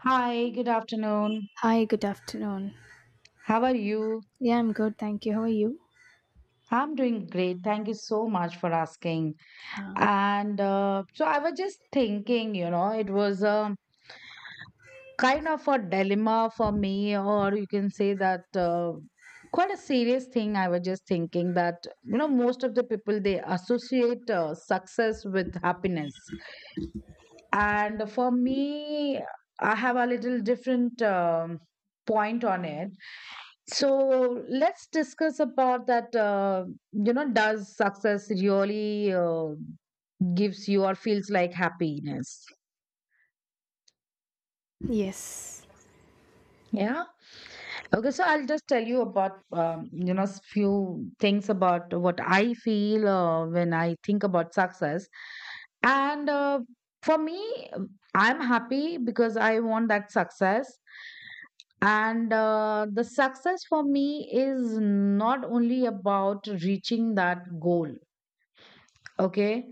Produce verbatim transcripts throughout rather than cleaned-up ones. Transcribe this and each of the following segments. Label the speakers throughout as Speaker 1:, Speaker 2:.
Speaker 1: Hi, good afternoon.
Speaker 2: Hi, good afternoon.
Speaker 1: How are you?
Speaker 2: Yeah, I'm good, thank you. How are you?
Speaker 1: I'm doing great. Thank you so much for asking.
Speaker 2: Uh,
Speaker 1: And uh, so I was just thinking, you know, it was a kind of a dilemma for me, or you can say that uh, quite a serious thing. I was just thinking that, you know, most of the people they associate uh, success with happiness. And for me, I have a little different um point on it. So let's discuss about that. Uh, you know, does success really uh, gives you or feels like happiness?
Speaker 2: yes.
Speaker 1: Yeah. Okay. So I'll just tell you about um, you know s- few things about what I feel uh, when I think about success, and uh, for me, I'm happy because I want that success. And uh, the success for me is not only about reaching that goal, okay?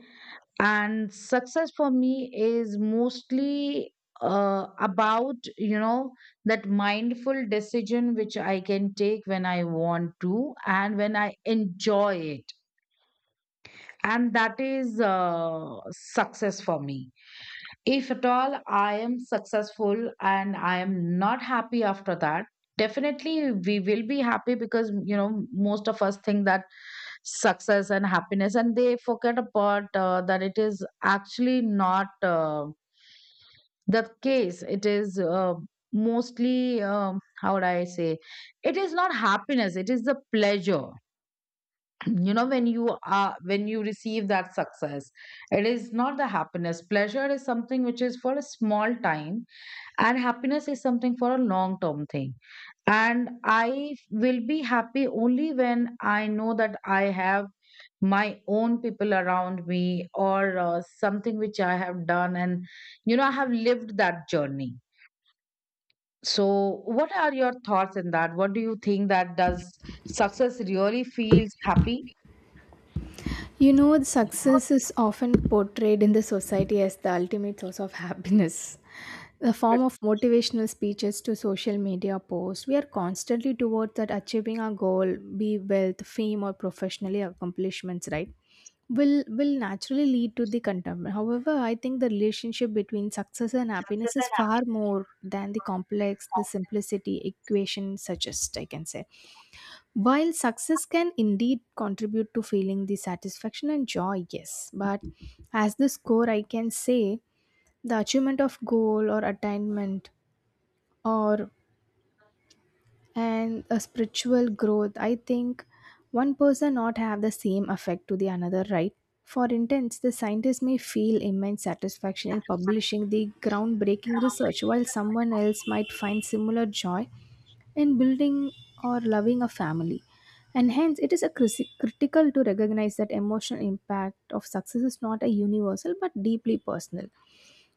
Speaker 1: And success for me is mostly uh, about you know that mindful decision which I can take when I want to and when I enjoy it. And that is uh, success for me. If at all I am successful and I am not happy after that, definitely we will be happy because, you know, most of us think that success and happiness, and they forget about uh, that it is actually not uh, the case. It is uh, mostly, um, how would I say, it is not happiness, it is the pleasure. You know, when you are, when you receive that success, it is not the happiness. Pleasure is something which is for a small time, and happiness is something for a long term thing, and I will be happy only when I know that I have my own people around me, or uh, something which I have done and you know I have lived that journey. So what are your thoughts in that? What do you think? That does success really feels happy?
Speaker 2: You know, the success is often portrayed in the society as the ultimate source of happiness. The form of motivational speeches to social media posts, we are constantly towards that achieving our goal, be wealth, fame, or professionally accomplishments, right? Will will naturally lead to the contentment. However, I think the relationship between success and happiness is far more than the complex, the simplicity equation suggests, I can say while success can indeed contribute to feeling the satisfaction and joy, yes, but as the score, I can say the achievement of goal or attainment or and a spiritual growth, I think one person not have the same effect to the another, right? For instance, the scientist may feel immense satisfaction in publishing the groundbreaking research while someone else might find similar joy in building or loving a family, and hence it is a crisi- critical to recognize that emotional impact of success is not a universal but deeply personal,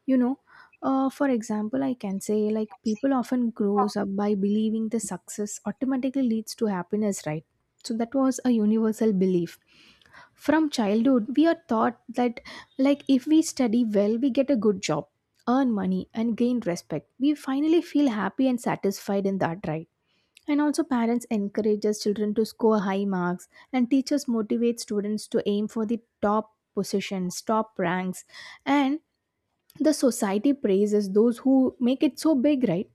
Speaker 2: you know. Uh, for example, I can say like people often grows up by believing the success automatically leads to happiness, right? So that was a universal belief. From childhood, we are taught that like if we study well, we get a good job, earn money and gain respect. We finally feel happy and satisfied in that, right? And also parents encourages children to score high marks and teachers motivate students to aim for the top positions, top ranks, and the society praises those who make it so big, right?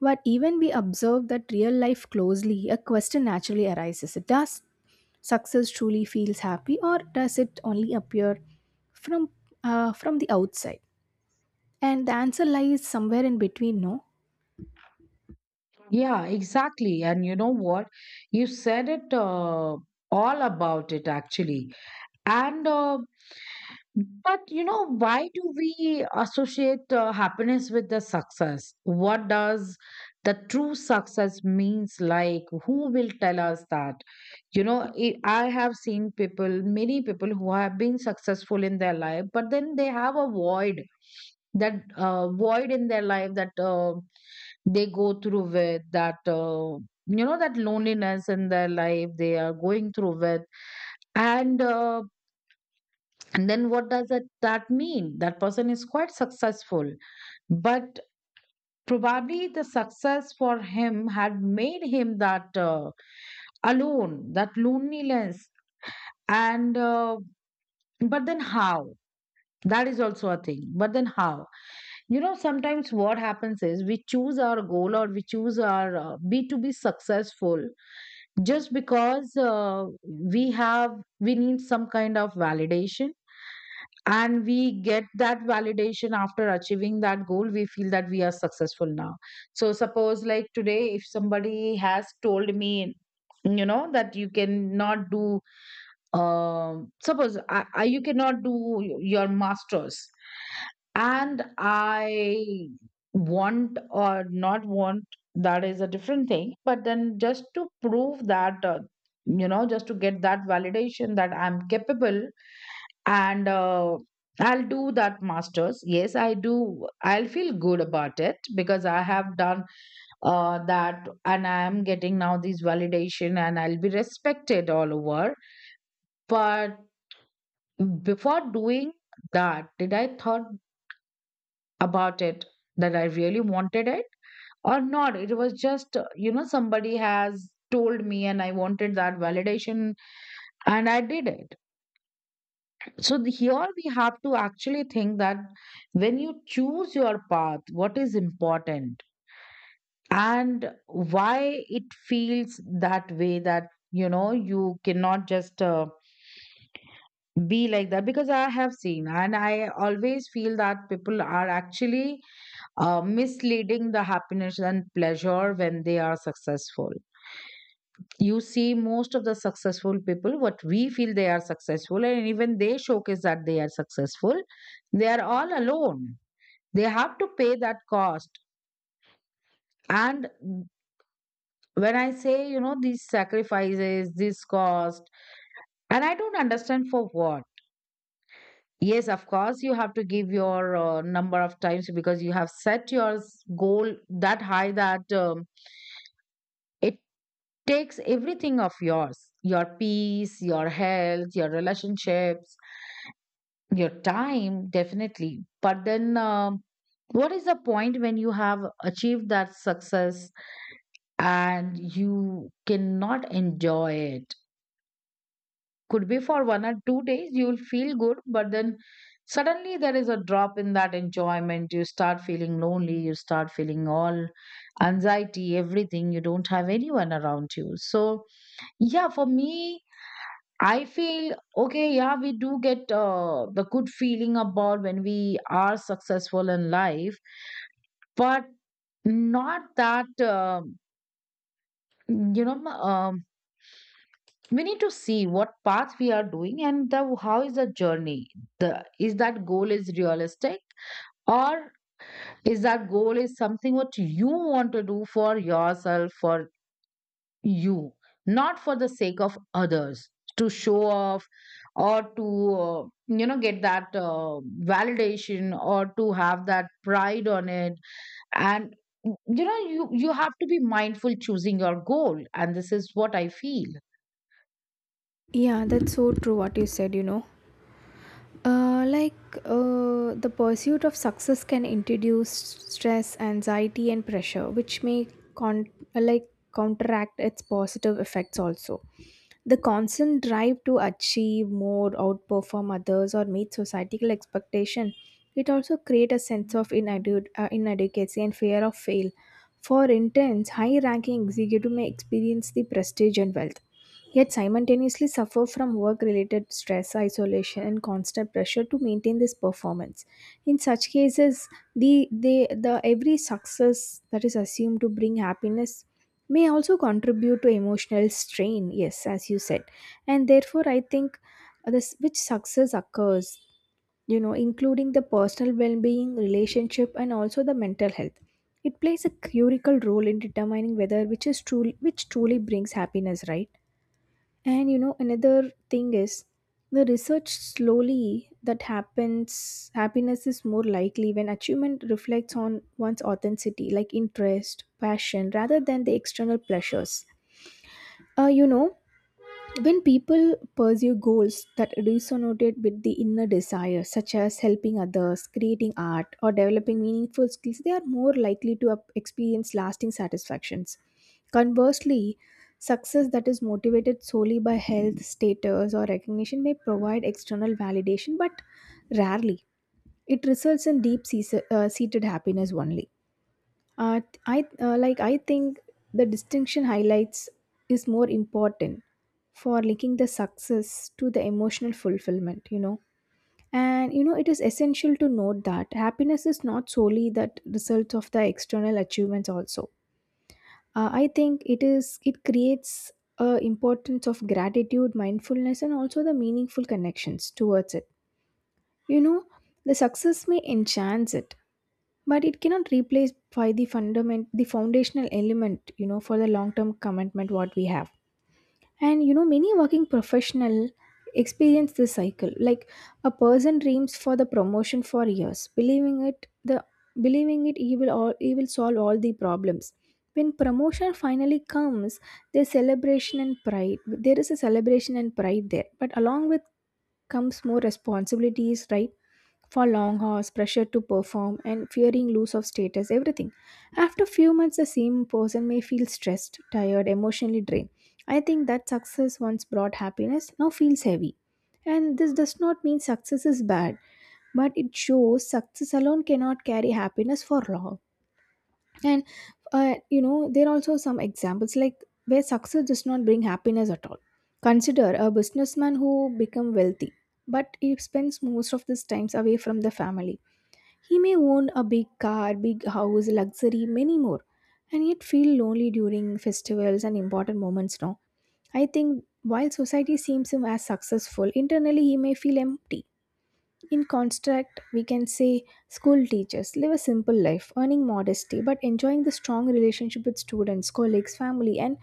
Speaker 2: But even we observe that real life closely, a question naturally arises. Does success truly feels happy or does it only appear from uh, from the outside? And the answer lies somewhere in between, no?
Speaker 1: Yeah, exactly. And you know what? You said it uh, all about it actually. And uh, But you know, why do we associate uh, happiness with the success? What does the true success means like? Who will tell us that? You know, I I have seen people, many people who have been successful in their life, but then they have a void, that uh, void in their life that uh, they go through with, that uh, you know, that loneliness in their life they are going through with, and. Uh, and then what does that, that mean? That person is quite successful, but probably the success for him had made him that uh, alone, that loneliness. And uh, but then how? That is also a thing. But then how? You know, sometimes what happens is we choose our goal, or we choose our uh, be to be successful just because uh, we have we need some kind of validation. And we get that validation after achieving that goal. We feel that we are successful now. So suppose like today if somebody has told me you know that you cannot do um, suppose I, I, you cannot do your masters. And I want or not want, that is a different thing, but then just to prove that uh, you know just to get that validation that I'm capable. And uh, I'll do that masters, yes I do, I'll feel good about it because I have done uh, that, and I am getting now this validation, and I'll be respected all over. But before doing that, did I thought about it that I really wanted it or not? It was just uh, you know somebody has told me, and I wanted that validation, and I did it. So the- here we have to actually think that when you choose your path, what is important, and why it feels that way, that you know you cannot just uh, be like that, because I have seen, and I always feel that people are actually uh, misleading the happiness and pleasure when they are successful. You see, most of the successful people, what we feel they are successful, and even they showcase that they are successful, they are all alone. They have to pay that cost. And when I say, you know, these sacrifices, this cost, and I don't understand for what. Yes, of course, you have to give your uh, number of times because you have set your s- goal that high, that um, it takes everything of yours, your peace, your health, your relationships, your time, definitely. But then, um, what is the point when you have achieved that success and you cannot enjoy it? Could be for one or two days, you will feel good, but then suddenly there is a drop in that enjoyment. You start feeling lonely, you start feeling all anxiety, everything. You don't have anyone around you. So, yeah, for me, I feel okay, yeah, we do get uh, the good feeling about when we are successful in life, but not that, um you know, um, we need to see what path we are doing, and the, how is the journey. The, is that goal is realistic, or is that goal is something what you want to do for yourself, for you, not for the sake of others, to show off, or to, uh, you know, get that uh, validation, or to have that pride on it. And, you know, you, you have to be mindful choosing your goal. And this is what I feel.
Speaker 2: Yeah, that's so true what you said, you know. Uh, like uh, the pursuit of success can introduce stress, anxiety, and pressure, which may con- uh, like counteract its positive effects. Also, the constant drive to achieve more, outperform others, or meet societal expectation, it also create a sense of inadu- uh, inadequacy and fear of fail. For interns, high-ranking executive may experience the prestige and wealth, yet simultaneously suffer from work related stress, isolation, and constant pressure to maintain this performance. In such cases, the, the, the every success that is assumed to bring happiness may also contribute to emotional strain, yes, as you said. And therefore, I think uh, this which success occurs, you know, including the personal well being, relationship, and also the mental health. It plays a critical role in determining whether which is truly which truly brings happiness, right? And you know, another thing is the research slowly that happens, happiness is more likely when achievement reflects on one's authenticity, like interest, passion, rather than the external pleasures. Uh, you know, when people pursue goals that resonate with the inner desire, such as helping others, creating art, or developing meaningful skills, they are more likely to up- experience lasting satisfactions. Conversely, success that is motivated solely by health, status, or recognition may provide external validation, but rarely. It results in deep seas- uh, seated happiness only. Uh, t- I uh, like I think the distinction highlights is more important for linking the success to the emotional fulfillment, you know. And you know it is essential to note that happiness is not solely that results of the external achievements also. Uh, I think it is it creates a importance of gratitude, mindfulness and also the meaningful connections towards it. You know, the success may enchant it but it cannot replace by the fundament the foundational element, you know, for the long term commitment what we have. And you know many working professional experience this cycle like a person dreams for the promotion for years, believing it the believing it he will all he will solve all the problems. When promotion finally comes, there's celebration and pride there is a celebration and pride there, but along with comes more responsibilities, right? For long hours, pressure to perform, and fearing loss of status, everything. After few months, the same person may feel stressed, tired, emotionally drained. I think that success once brought happiness now feels heavy. And this does not mean success is bad, but it shows success alone cannot carry happiness for long. And uh, you know, there are also some examples like where success does not bring happiness at all. Consider a businessman who become wealthy but he spends most of his times away from the family. He may own a big car, big house, luxury, many more, and yet feel lonely during festivals and important moments. Now, I think while society sees him as successful, internally he may feel empty. In contrast, we can say school teachers live a simple life, earning modestly but enjoying the strong relationship with students, colleagues, family, and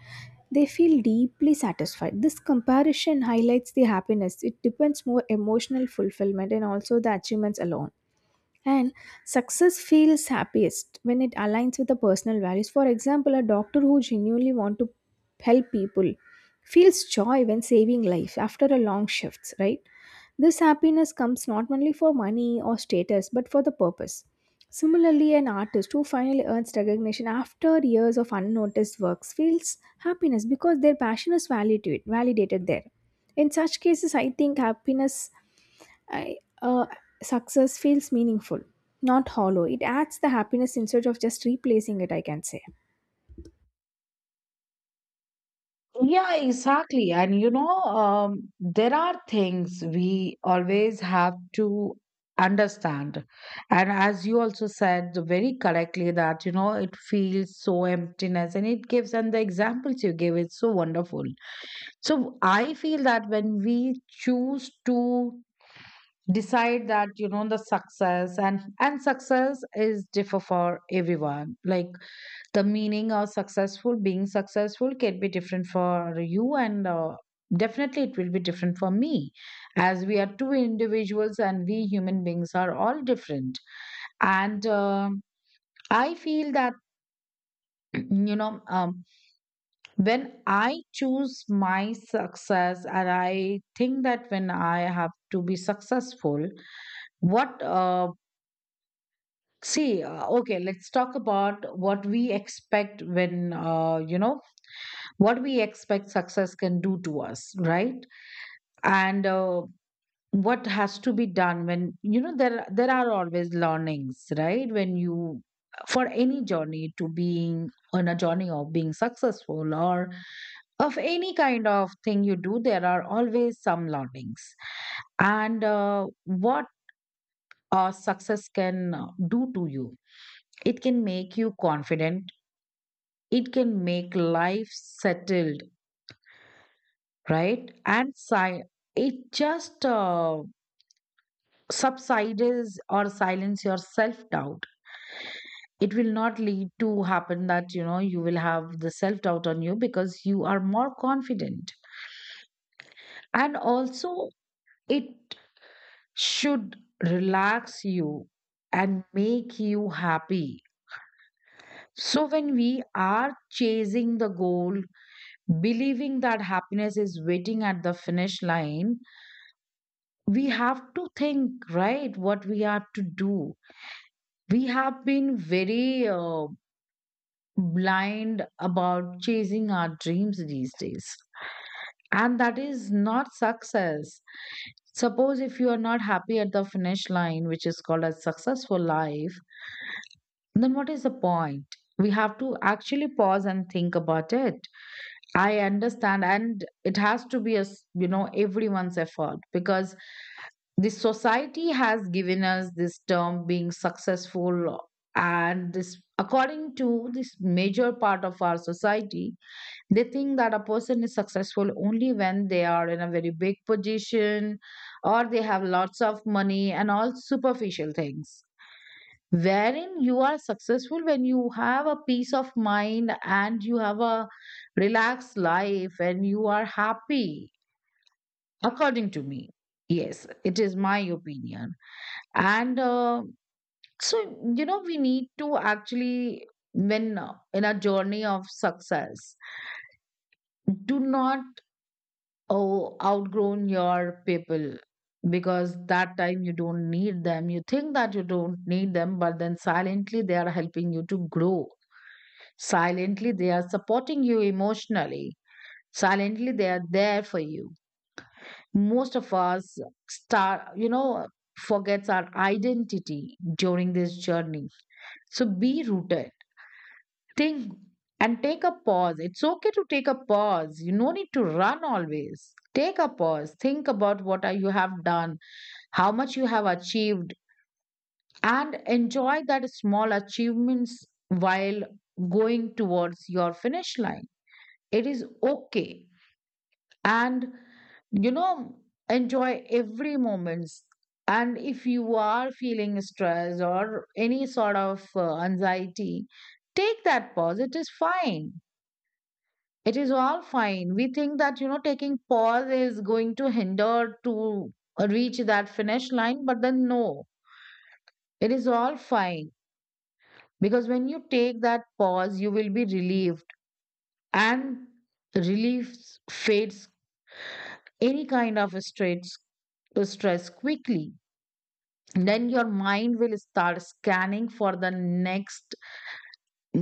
Speaker 2: they feel deeply satisfied. This comparison highlights the happiness. It depends more emotional fulfillment and also the achievements alone. And success feels happiest when it aligns with the personal values. For example, a doctor who genuinely wants to help people feels joy when saving life after a long shift, right? This happiness comes not only for money or status, but for the purpose. Similarly, an artist who finally earns recognition after years of unnoticed works feels happiness because their passion is validated, validated there. In such cases, I think happiness I, uh, success feels meaningful, not hollow. It adds the happiness instead of just replacing it, I can say.
Speaker 1: Yeah, exactly. And you know, um, there are things we always have to understand. And as you also said very correctly, that you know, it feels so emptiness and it gives, and the examples you gave is so wonderful. So I feel that when we choose to decide that you know the success, and and success is differ for everyone, like the meaning of successful being successful can be different for you, and uh, definitely it will be different for me, as we are two individuals, and we human beings are all different. And uh, I feel that you know um, when I choose my success, and I think that when I have to be successful, what uh, see uh, okay, let's talk about what we expect, when uh, you know what we expect success can do to us, right? And uh, what has to be done, when you know there there are always learnings, right? When you, for any journey, to being on a journey of being successful, or of any kind of thing you do, there are always some learnings. And uh, what uh, success can uh, do to you, it can make you confident, it can make life settled, right? And si- it just uh, subsides or silence your self doubt. It will not lead to happen that you know you will have the self doubt on you, because you are more confident. And also, it should relax you and make you happy. So, when we are chasing the goal, believing that happiness is waiting at the finish line, we have to think, right, what we are to do. We have been very uh, blind about chasing our dreams these days. And that is not success. Suppose if you are not happy at the finish line, which is called as successful life, then what is the point? We have to actually pause and think about it. I understand, and it has to be a s- you know everyone's effort, because this society has given us this term being successful, and this, according to this major part of our society, they think that a person is successful only when they are in a very big position, or they have lots of money and all superficial things, wherein you are successful when you have a peace of mind and you have a relaxed life and you are happy, according to me. Yes, it is my opinion. And uh, so, you know, we need to actually, when uh, in a journey of success, do not oh, outgrown your people, because that time you don't need them. You think that you don't need them, but then silently they are helping you to grow. Silently they are supporting you emotionally. Silently they are there for you. Most of us start you know forgets our identity during this journey, so be rooted, think, and take a pause. It's okay to take a pause. You no need to run always. Take a pause, think about what are- you have done, how much you have achieved, and enjoy that small achievements while going towards your finish line. It is okay, and you know enjoy every moments. And if you are feeling stress or any sort of uh, anxiety, take that pause, it is fine. It is all fine. We think that you know taking pause is going to hinder to uh, reach that finish line, but then no, it is all fine. Because when you take that pause, you will be relieved, and relief fades any kind of stress, uh, stress quickly. Then your mind will start scanning for the next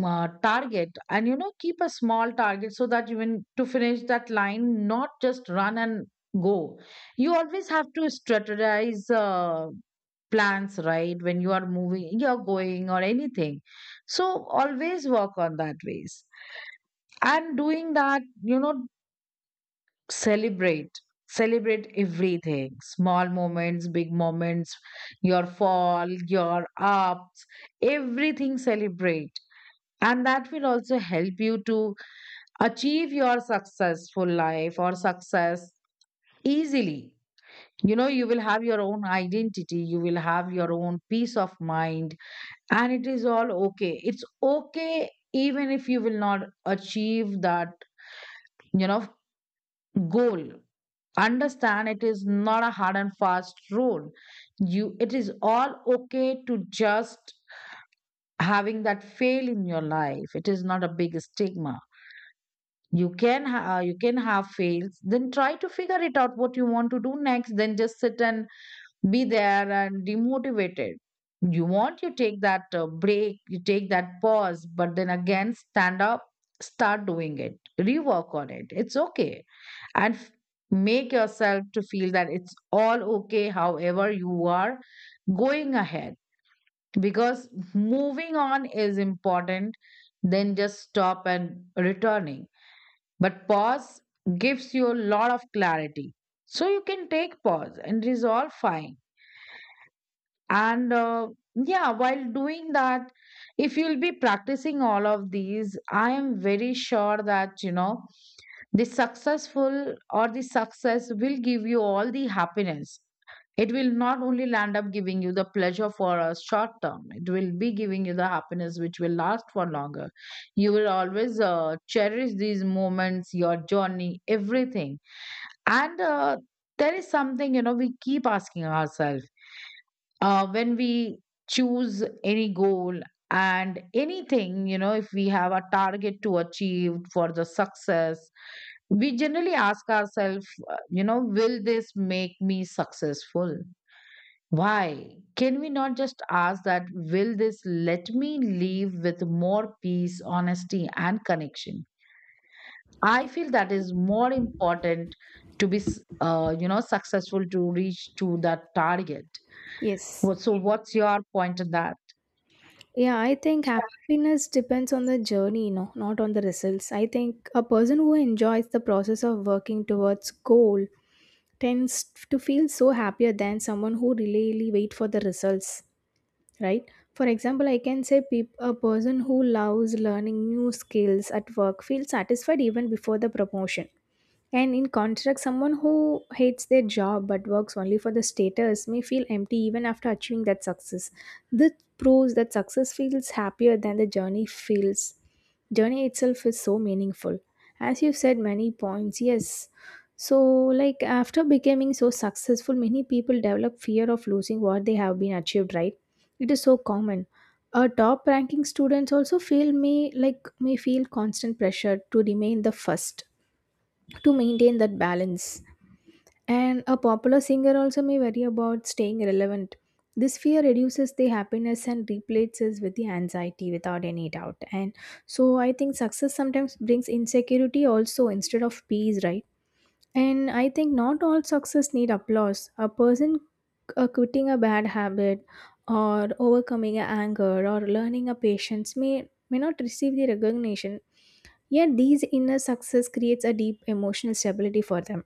Speaker 1: uh, target. And you know keep a small target so that you when to finish that line, not just run and go. You always have to strategize uh, plans, right, when you are moving, you're going or anything. So always work on that ways. And doing that, you know celebrate. Celebrate everything. Small moments, big moments, your fall, your ups, everything celebrate. And that will also help you to achieve your successful life or success easily. You know, you will have your own identity, you will have your own peace of mind, and it is all okay. It's okay even if you will not achieve that, you know, goal. Understand, it is not a hard and fast rule. You, it is all okay to just having that fail in your life. It is not a big stigma. You can ha- uh, you can have fails, then try to figure it out what you want to do next, then just sit and be there and demotivated. You want, you take that uh, break, you take that pause, but then again, stand up, start doing it, rework on it. It's okay. And f- Make yourself to feel that it's all okay, however, you are going ahead, because moving on is important than just stop and returning. But pause gives you a lot of clarity. So you can take pause and resolve fine. And uh, yeah, while doing that, if you'll be practicing all of these, I am very sure that, you know, the successful or the success will give you all the happiness. It will not only land up giving you the pleasure for a short term, it will be giving you the happiness which will last for longer. You will always uh, cherish these moments, your journey, everything. And uh, there is something, you know, we keep asking ourselves uh, when we choose any goal and anything. You know if we have a target to achieve for the success, we generally ask ourselves, uh, you know will this make me successful? Why can we not just ask that, will this let me live with more peace, honesty and connection? I feel that is more important to be s- uh, you know successful to reach to that target.
Speaker 2: Yes.
Speaker 1: What- so what's your point on that?
Speaker 2: Yeah, I think happiness depends on the journey, you know, not on the results. I think a person who enjoys the process of working towards goal tends to feel so happier than someone who really wait for the results, right? For example, I can say peop- a person who loves learning new skills at work feels satisfied even before the promotion. And in contrast, someone who hates their job but works only for the status may feel empty even after achieving that success. This proves that success feels happier than the journey feels. Journey itself is so meaningful. As you've said, many points, yes. So, like after becoming so successful, many people develop fear of losing what they have been achieved, right? It is so common. A top ranking students also feel may like may feel constant pressure to remain the first to maintain that balance. And a popular singer also may worry about staying relevant. This fear reduces the happiness and replaces with the anxiety without any doubt. And so I think success sometimes brings insecurity also instead of peace, right? And I think not all success need applause. A person uh, quitting a bad habit or overcoming a anger or learning a patience may may not receive the recognition. Yet these inner success creates a deep emotional stability for them.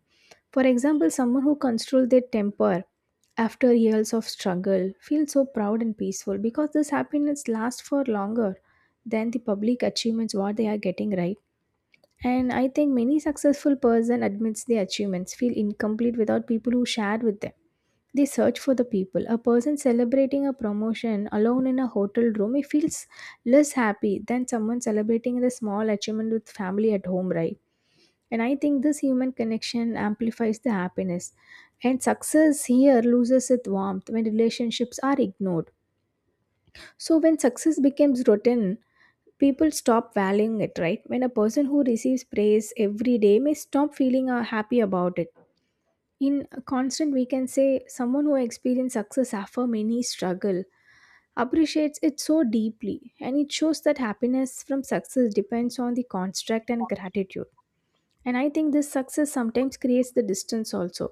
Speaker 2: For example, someone who controls their temper after years of struggle feels so proud and peaceful because this happiness lasts for longer than the public achievements what they are getting, right. And I think many successful person admits their achievements feel incomplete without people who share with them. They search for the people. A person celebrating a promotion alone in a hotel room, he feels less happy than someone celebrating the small achievement with family at home, right? And I think this human connection amplifies the happiness. And success here loses its warmth when relationships are ignored. So, when success becomes routine, people stop valuing it, right? When a person who receives praise every day may stop feeling uh, happy about it. In a constant, we can say someone who experiences success after many struggle appreciates it so deeply, and it shows that happiness from success depends on the construct and gratitude. And I think this success sometimes creates the distance also,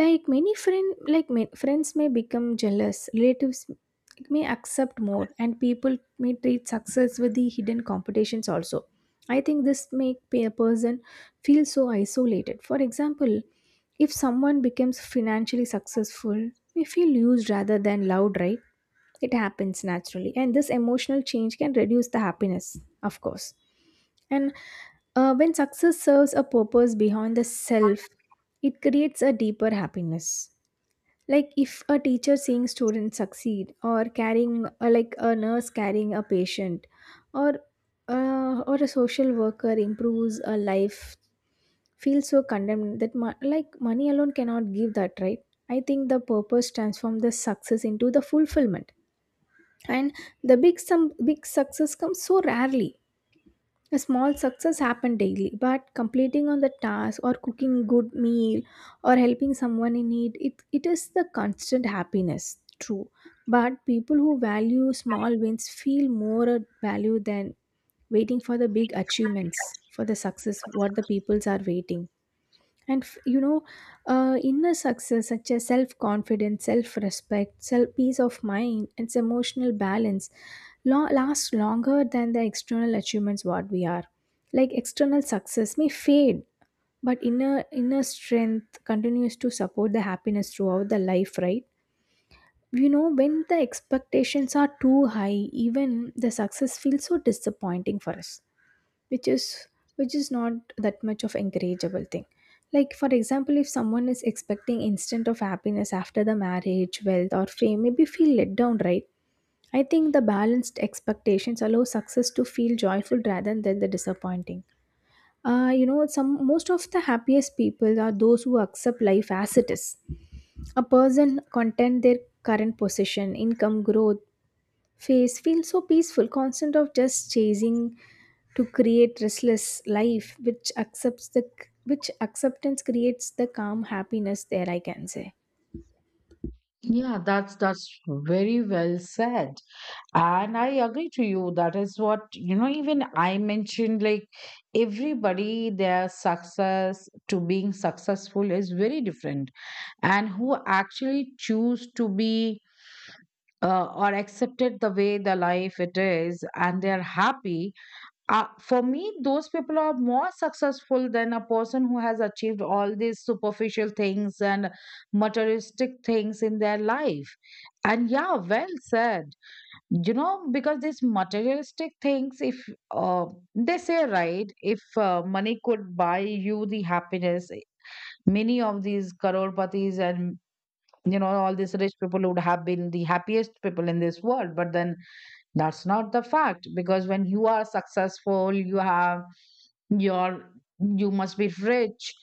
Speaker 2: like many friend like ma- friends may become jealous, relatives may accept more, and people may treat success with the hidden competitions also. I think this make a person feel so isolated. For example, if someone becomes financially successful, we feel used rather than loved, right? It happens naturally, and this emotional change can reduce the happiness, of course. And uh, when success serves a purpose beyond the self, it creates a deeper happiness, like if a teacher seeing students succeed or carrying, or like a nurse carrying a patient, or uh, or a social worker improves a life, feels so condemned that mo- like money alone cannot give that, right. I think the purpose transforms the success into the fulfillment. And the big some big success comes so rarely. A small success happen daily but completing on the task or cooking good meal or helping someone in need, it, it is the constant happiness true. But people who value small wins feel more at value than waiting for the big achievements for the success what the peoples are waiting. And f- you know, uh, inner success such as self-confidence, self-respect self respect, self peace of mind and its emotional balance lo- last longer than the external achievements what we are like. External success may fade but inner inner strength continues to support the happiness throughout the life, right. You know, when the expectations are too high, even the success feels so disappointing for us, which is which is not that much of encourageable thing. Like for example, if someone is expecting instant of happiness after the marriage, wealth or fame, maybe feel let down, right. I think the balanced expectations allow success to feel joyful rather than the disappointing. Uh, you know, some most of the happiest people are those who accept life as it is. A person content their current position, income, growth phase feels so peaceful constant of just chasing to create restless life which accepts the which acceptance creates the calm happiness there, I can say.
Speaker 1: Yeah, that's that's very well said. And I agree to you. That is what, you know, even I mentioned like everybody their success to being successful is very different. And who actually choose to be uh, or accepted the way the life it is and they're happy, uh, for me those people are more successful than a person who has achieved all these superficial things and materialistic things in their life. And yeah, well said. You know, because these materialistic things, if uh, they say right, if uh, money could buy you the happiness, many of these crore patis and you know all these rich people would have been the happiest people in this world, but then that's not the fact. Because when you are successful, you have your, you must be rich,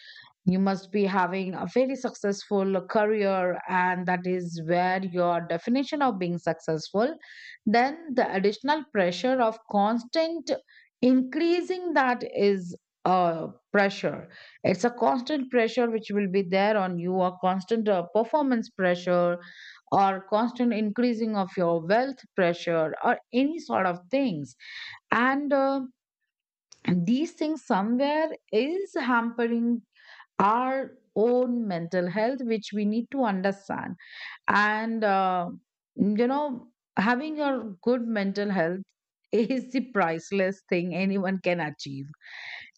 Speaker 1: you must be having a very successful career, and that is where your definition of being successful. Then the additional pressure of constant increasing, that is a pressure. It's a constant pressure which will be there on you, a constant uh, performance pressure or constant increasing of your wealth pressure or any sort of things. And uh, these things somewhere is hampering our own mental health, which we need to understand. And uh, you know having a good mental health is the priceless thing anyone can achieve,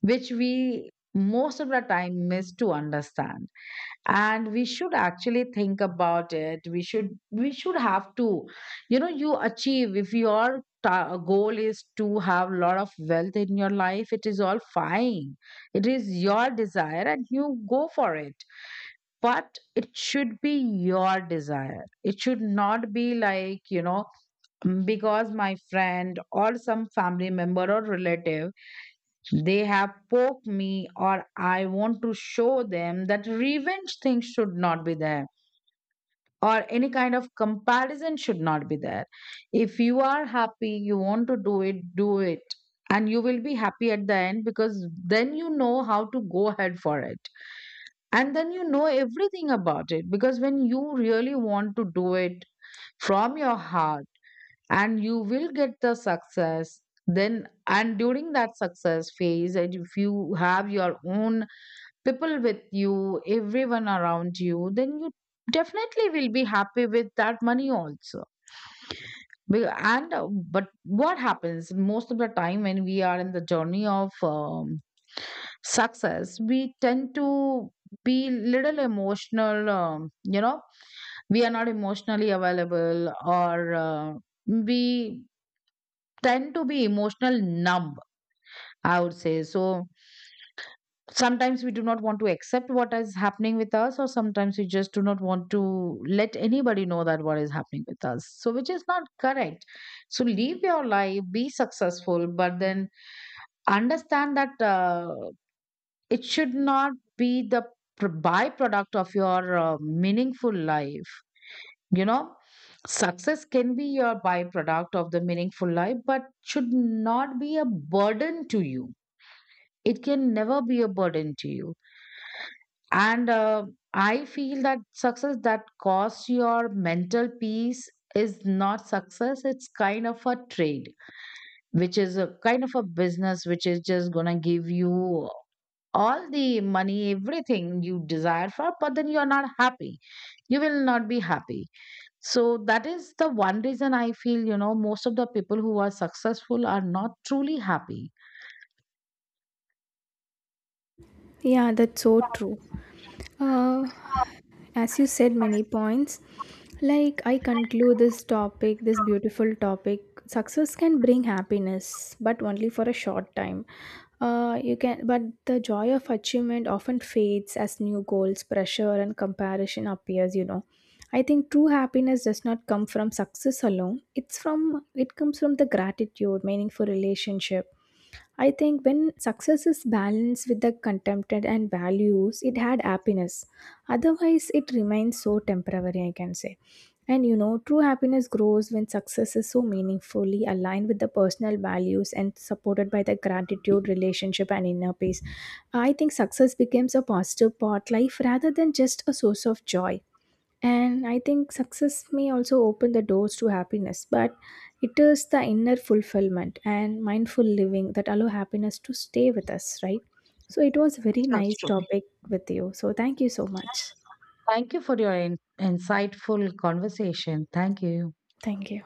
Speaker 1: which we most of the time miss to understand. And we should actually think about it. We should we should have to, you know you achieve, if your ta- goal is to have a lot of wealth in your life, it is all fine. It is your desire and you go for it. But it should be your desire, it should not be like, you know "Mm, because my friend or some family member or relative, they have poked me, or I want to show them," that revenge thing should not be there, or any kind of comparison should not be there. If you are happy, you want to do it, do it. And you will be happy at the end, because then you know how to go ahead for it. And then you know everything about it, because when you really want to do it from your heart, and you will get the success. Then, and during that success phase, and if you have your own people with you, everyone around you, then you definitely will be happy with that money also. Be- And uh, But what happens most of the time when we are in the journey of um, success, we tend to be little emotional. Um, you know, we are not emotionally available, or uh, we tend to be emotional numb. I would say so. Sometimes we do not want to accept what is happening with us, or sometimes we just do not want to let anybody know that what is happening with us, so which is not correct. So live your life, be successful, but then understand that uh, it should not be the pr- byproduct of your uh, meaningful life. You know, success can be your byproduct of the meaningful life, but should not be a burden to you. It can never be a burden to you. And uh, I feel that success that costs your mental peace is not success. It's kind of a trade, which is a kind of a business, which is just gonna give you all the money, everything you desire for, but then you're not happy. You will not be happy. So that is the one reason, I feel, you know most of the people who are successful are not truly happy.
Speaker 2: Yeah, that's so true. uh, as you said, many points, like I conclude this topic, this beautiful topic. Success can bring happiness but only for a short time. Uh, you can but the joy of achievement often fades as new goals, pressure and comparison appears, you know. I think true happiness does not come from success alone. It's from it comes from the gratitude, meaningful relationship. I think when success is balanced with the contempt and values, it had happiness. Otherwise, it remains so temporary, I can say. And you know, true happiness grows when success is so meaningfully aligned with the personal values and supported by the gratitude, relationship, and inner peace. I think success becomes a positive part life rather than just a source of joy. And I think success may also open the doors to happiness, but it is the inner fulfillment and mindful living that allow happiness to stay with us, right? So it was a very
Speaker 1: That's
Speaker 2: nice
Speaker 1: true.
Speaker 2: topic with you. So thank you so much.
Speaker 1: Thank you for your in- insightful conversation. Thank you.
Speaker 2: Thank you.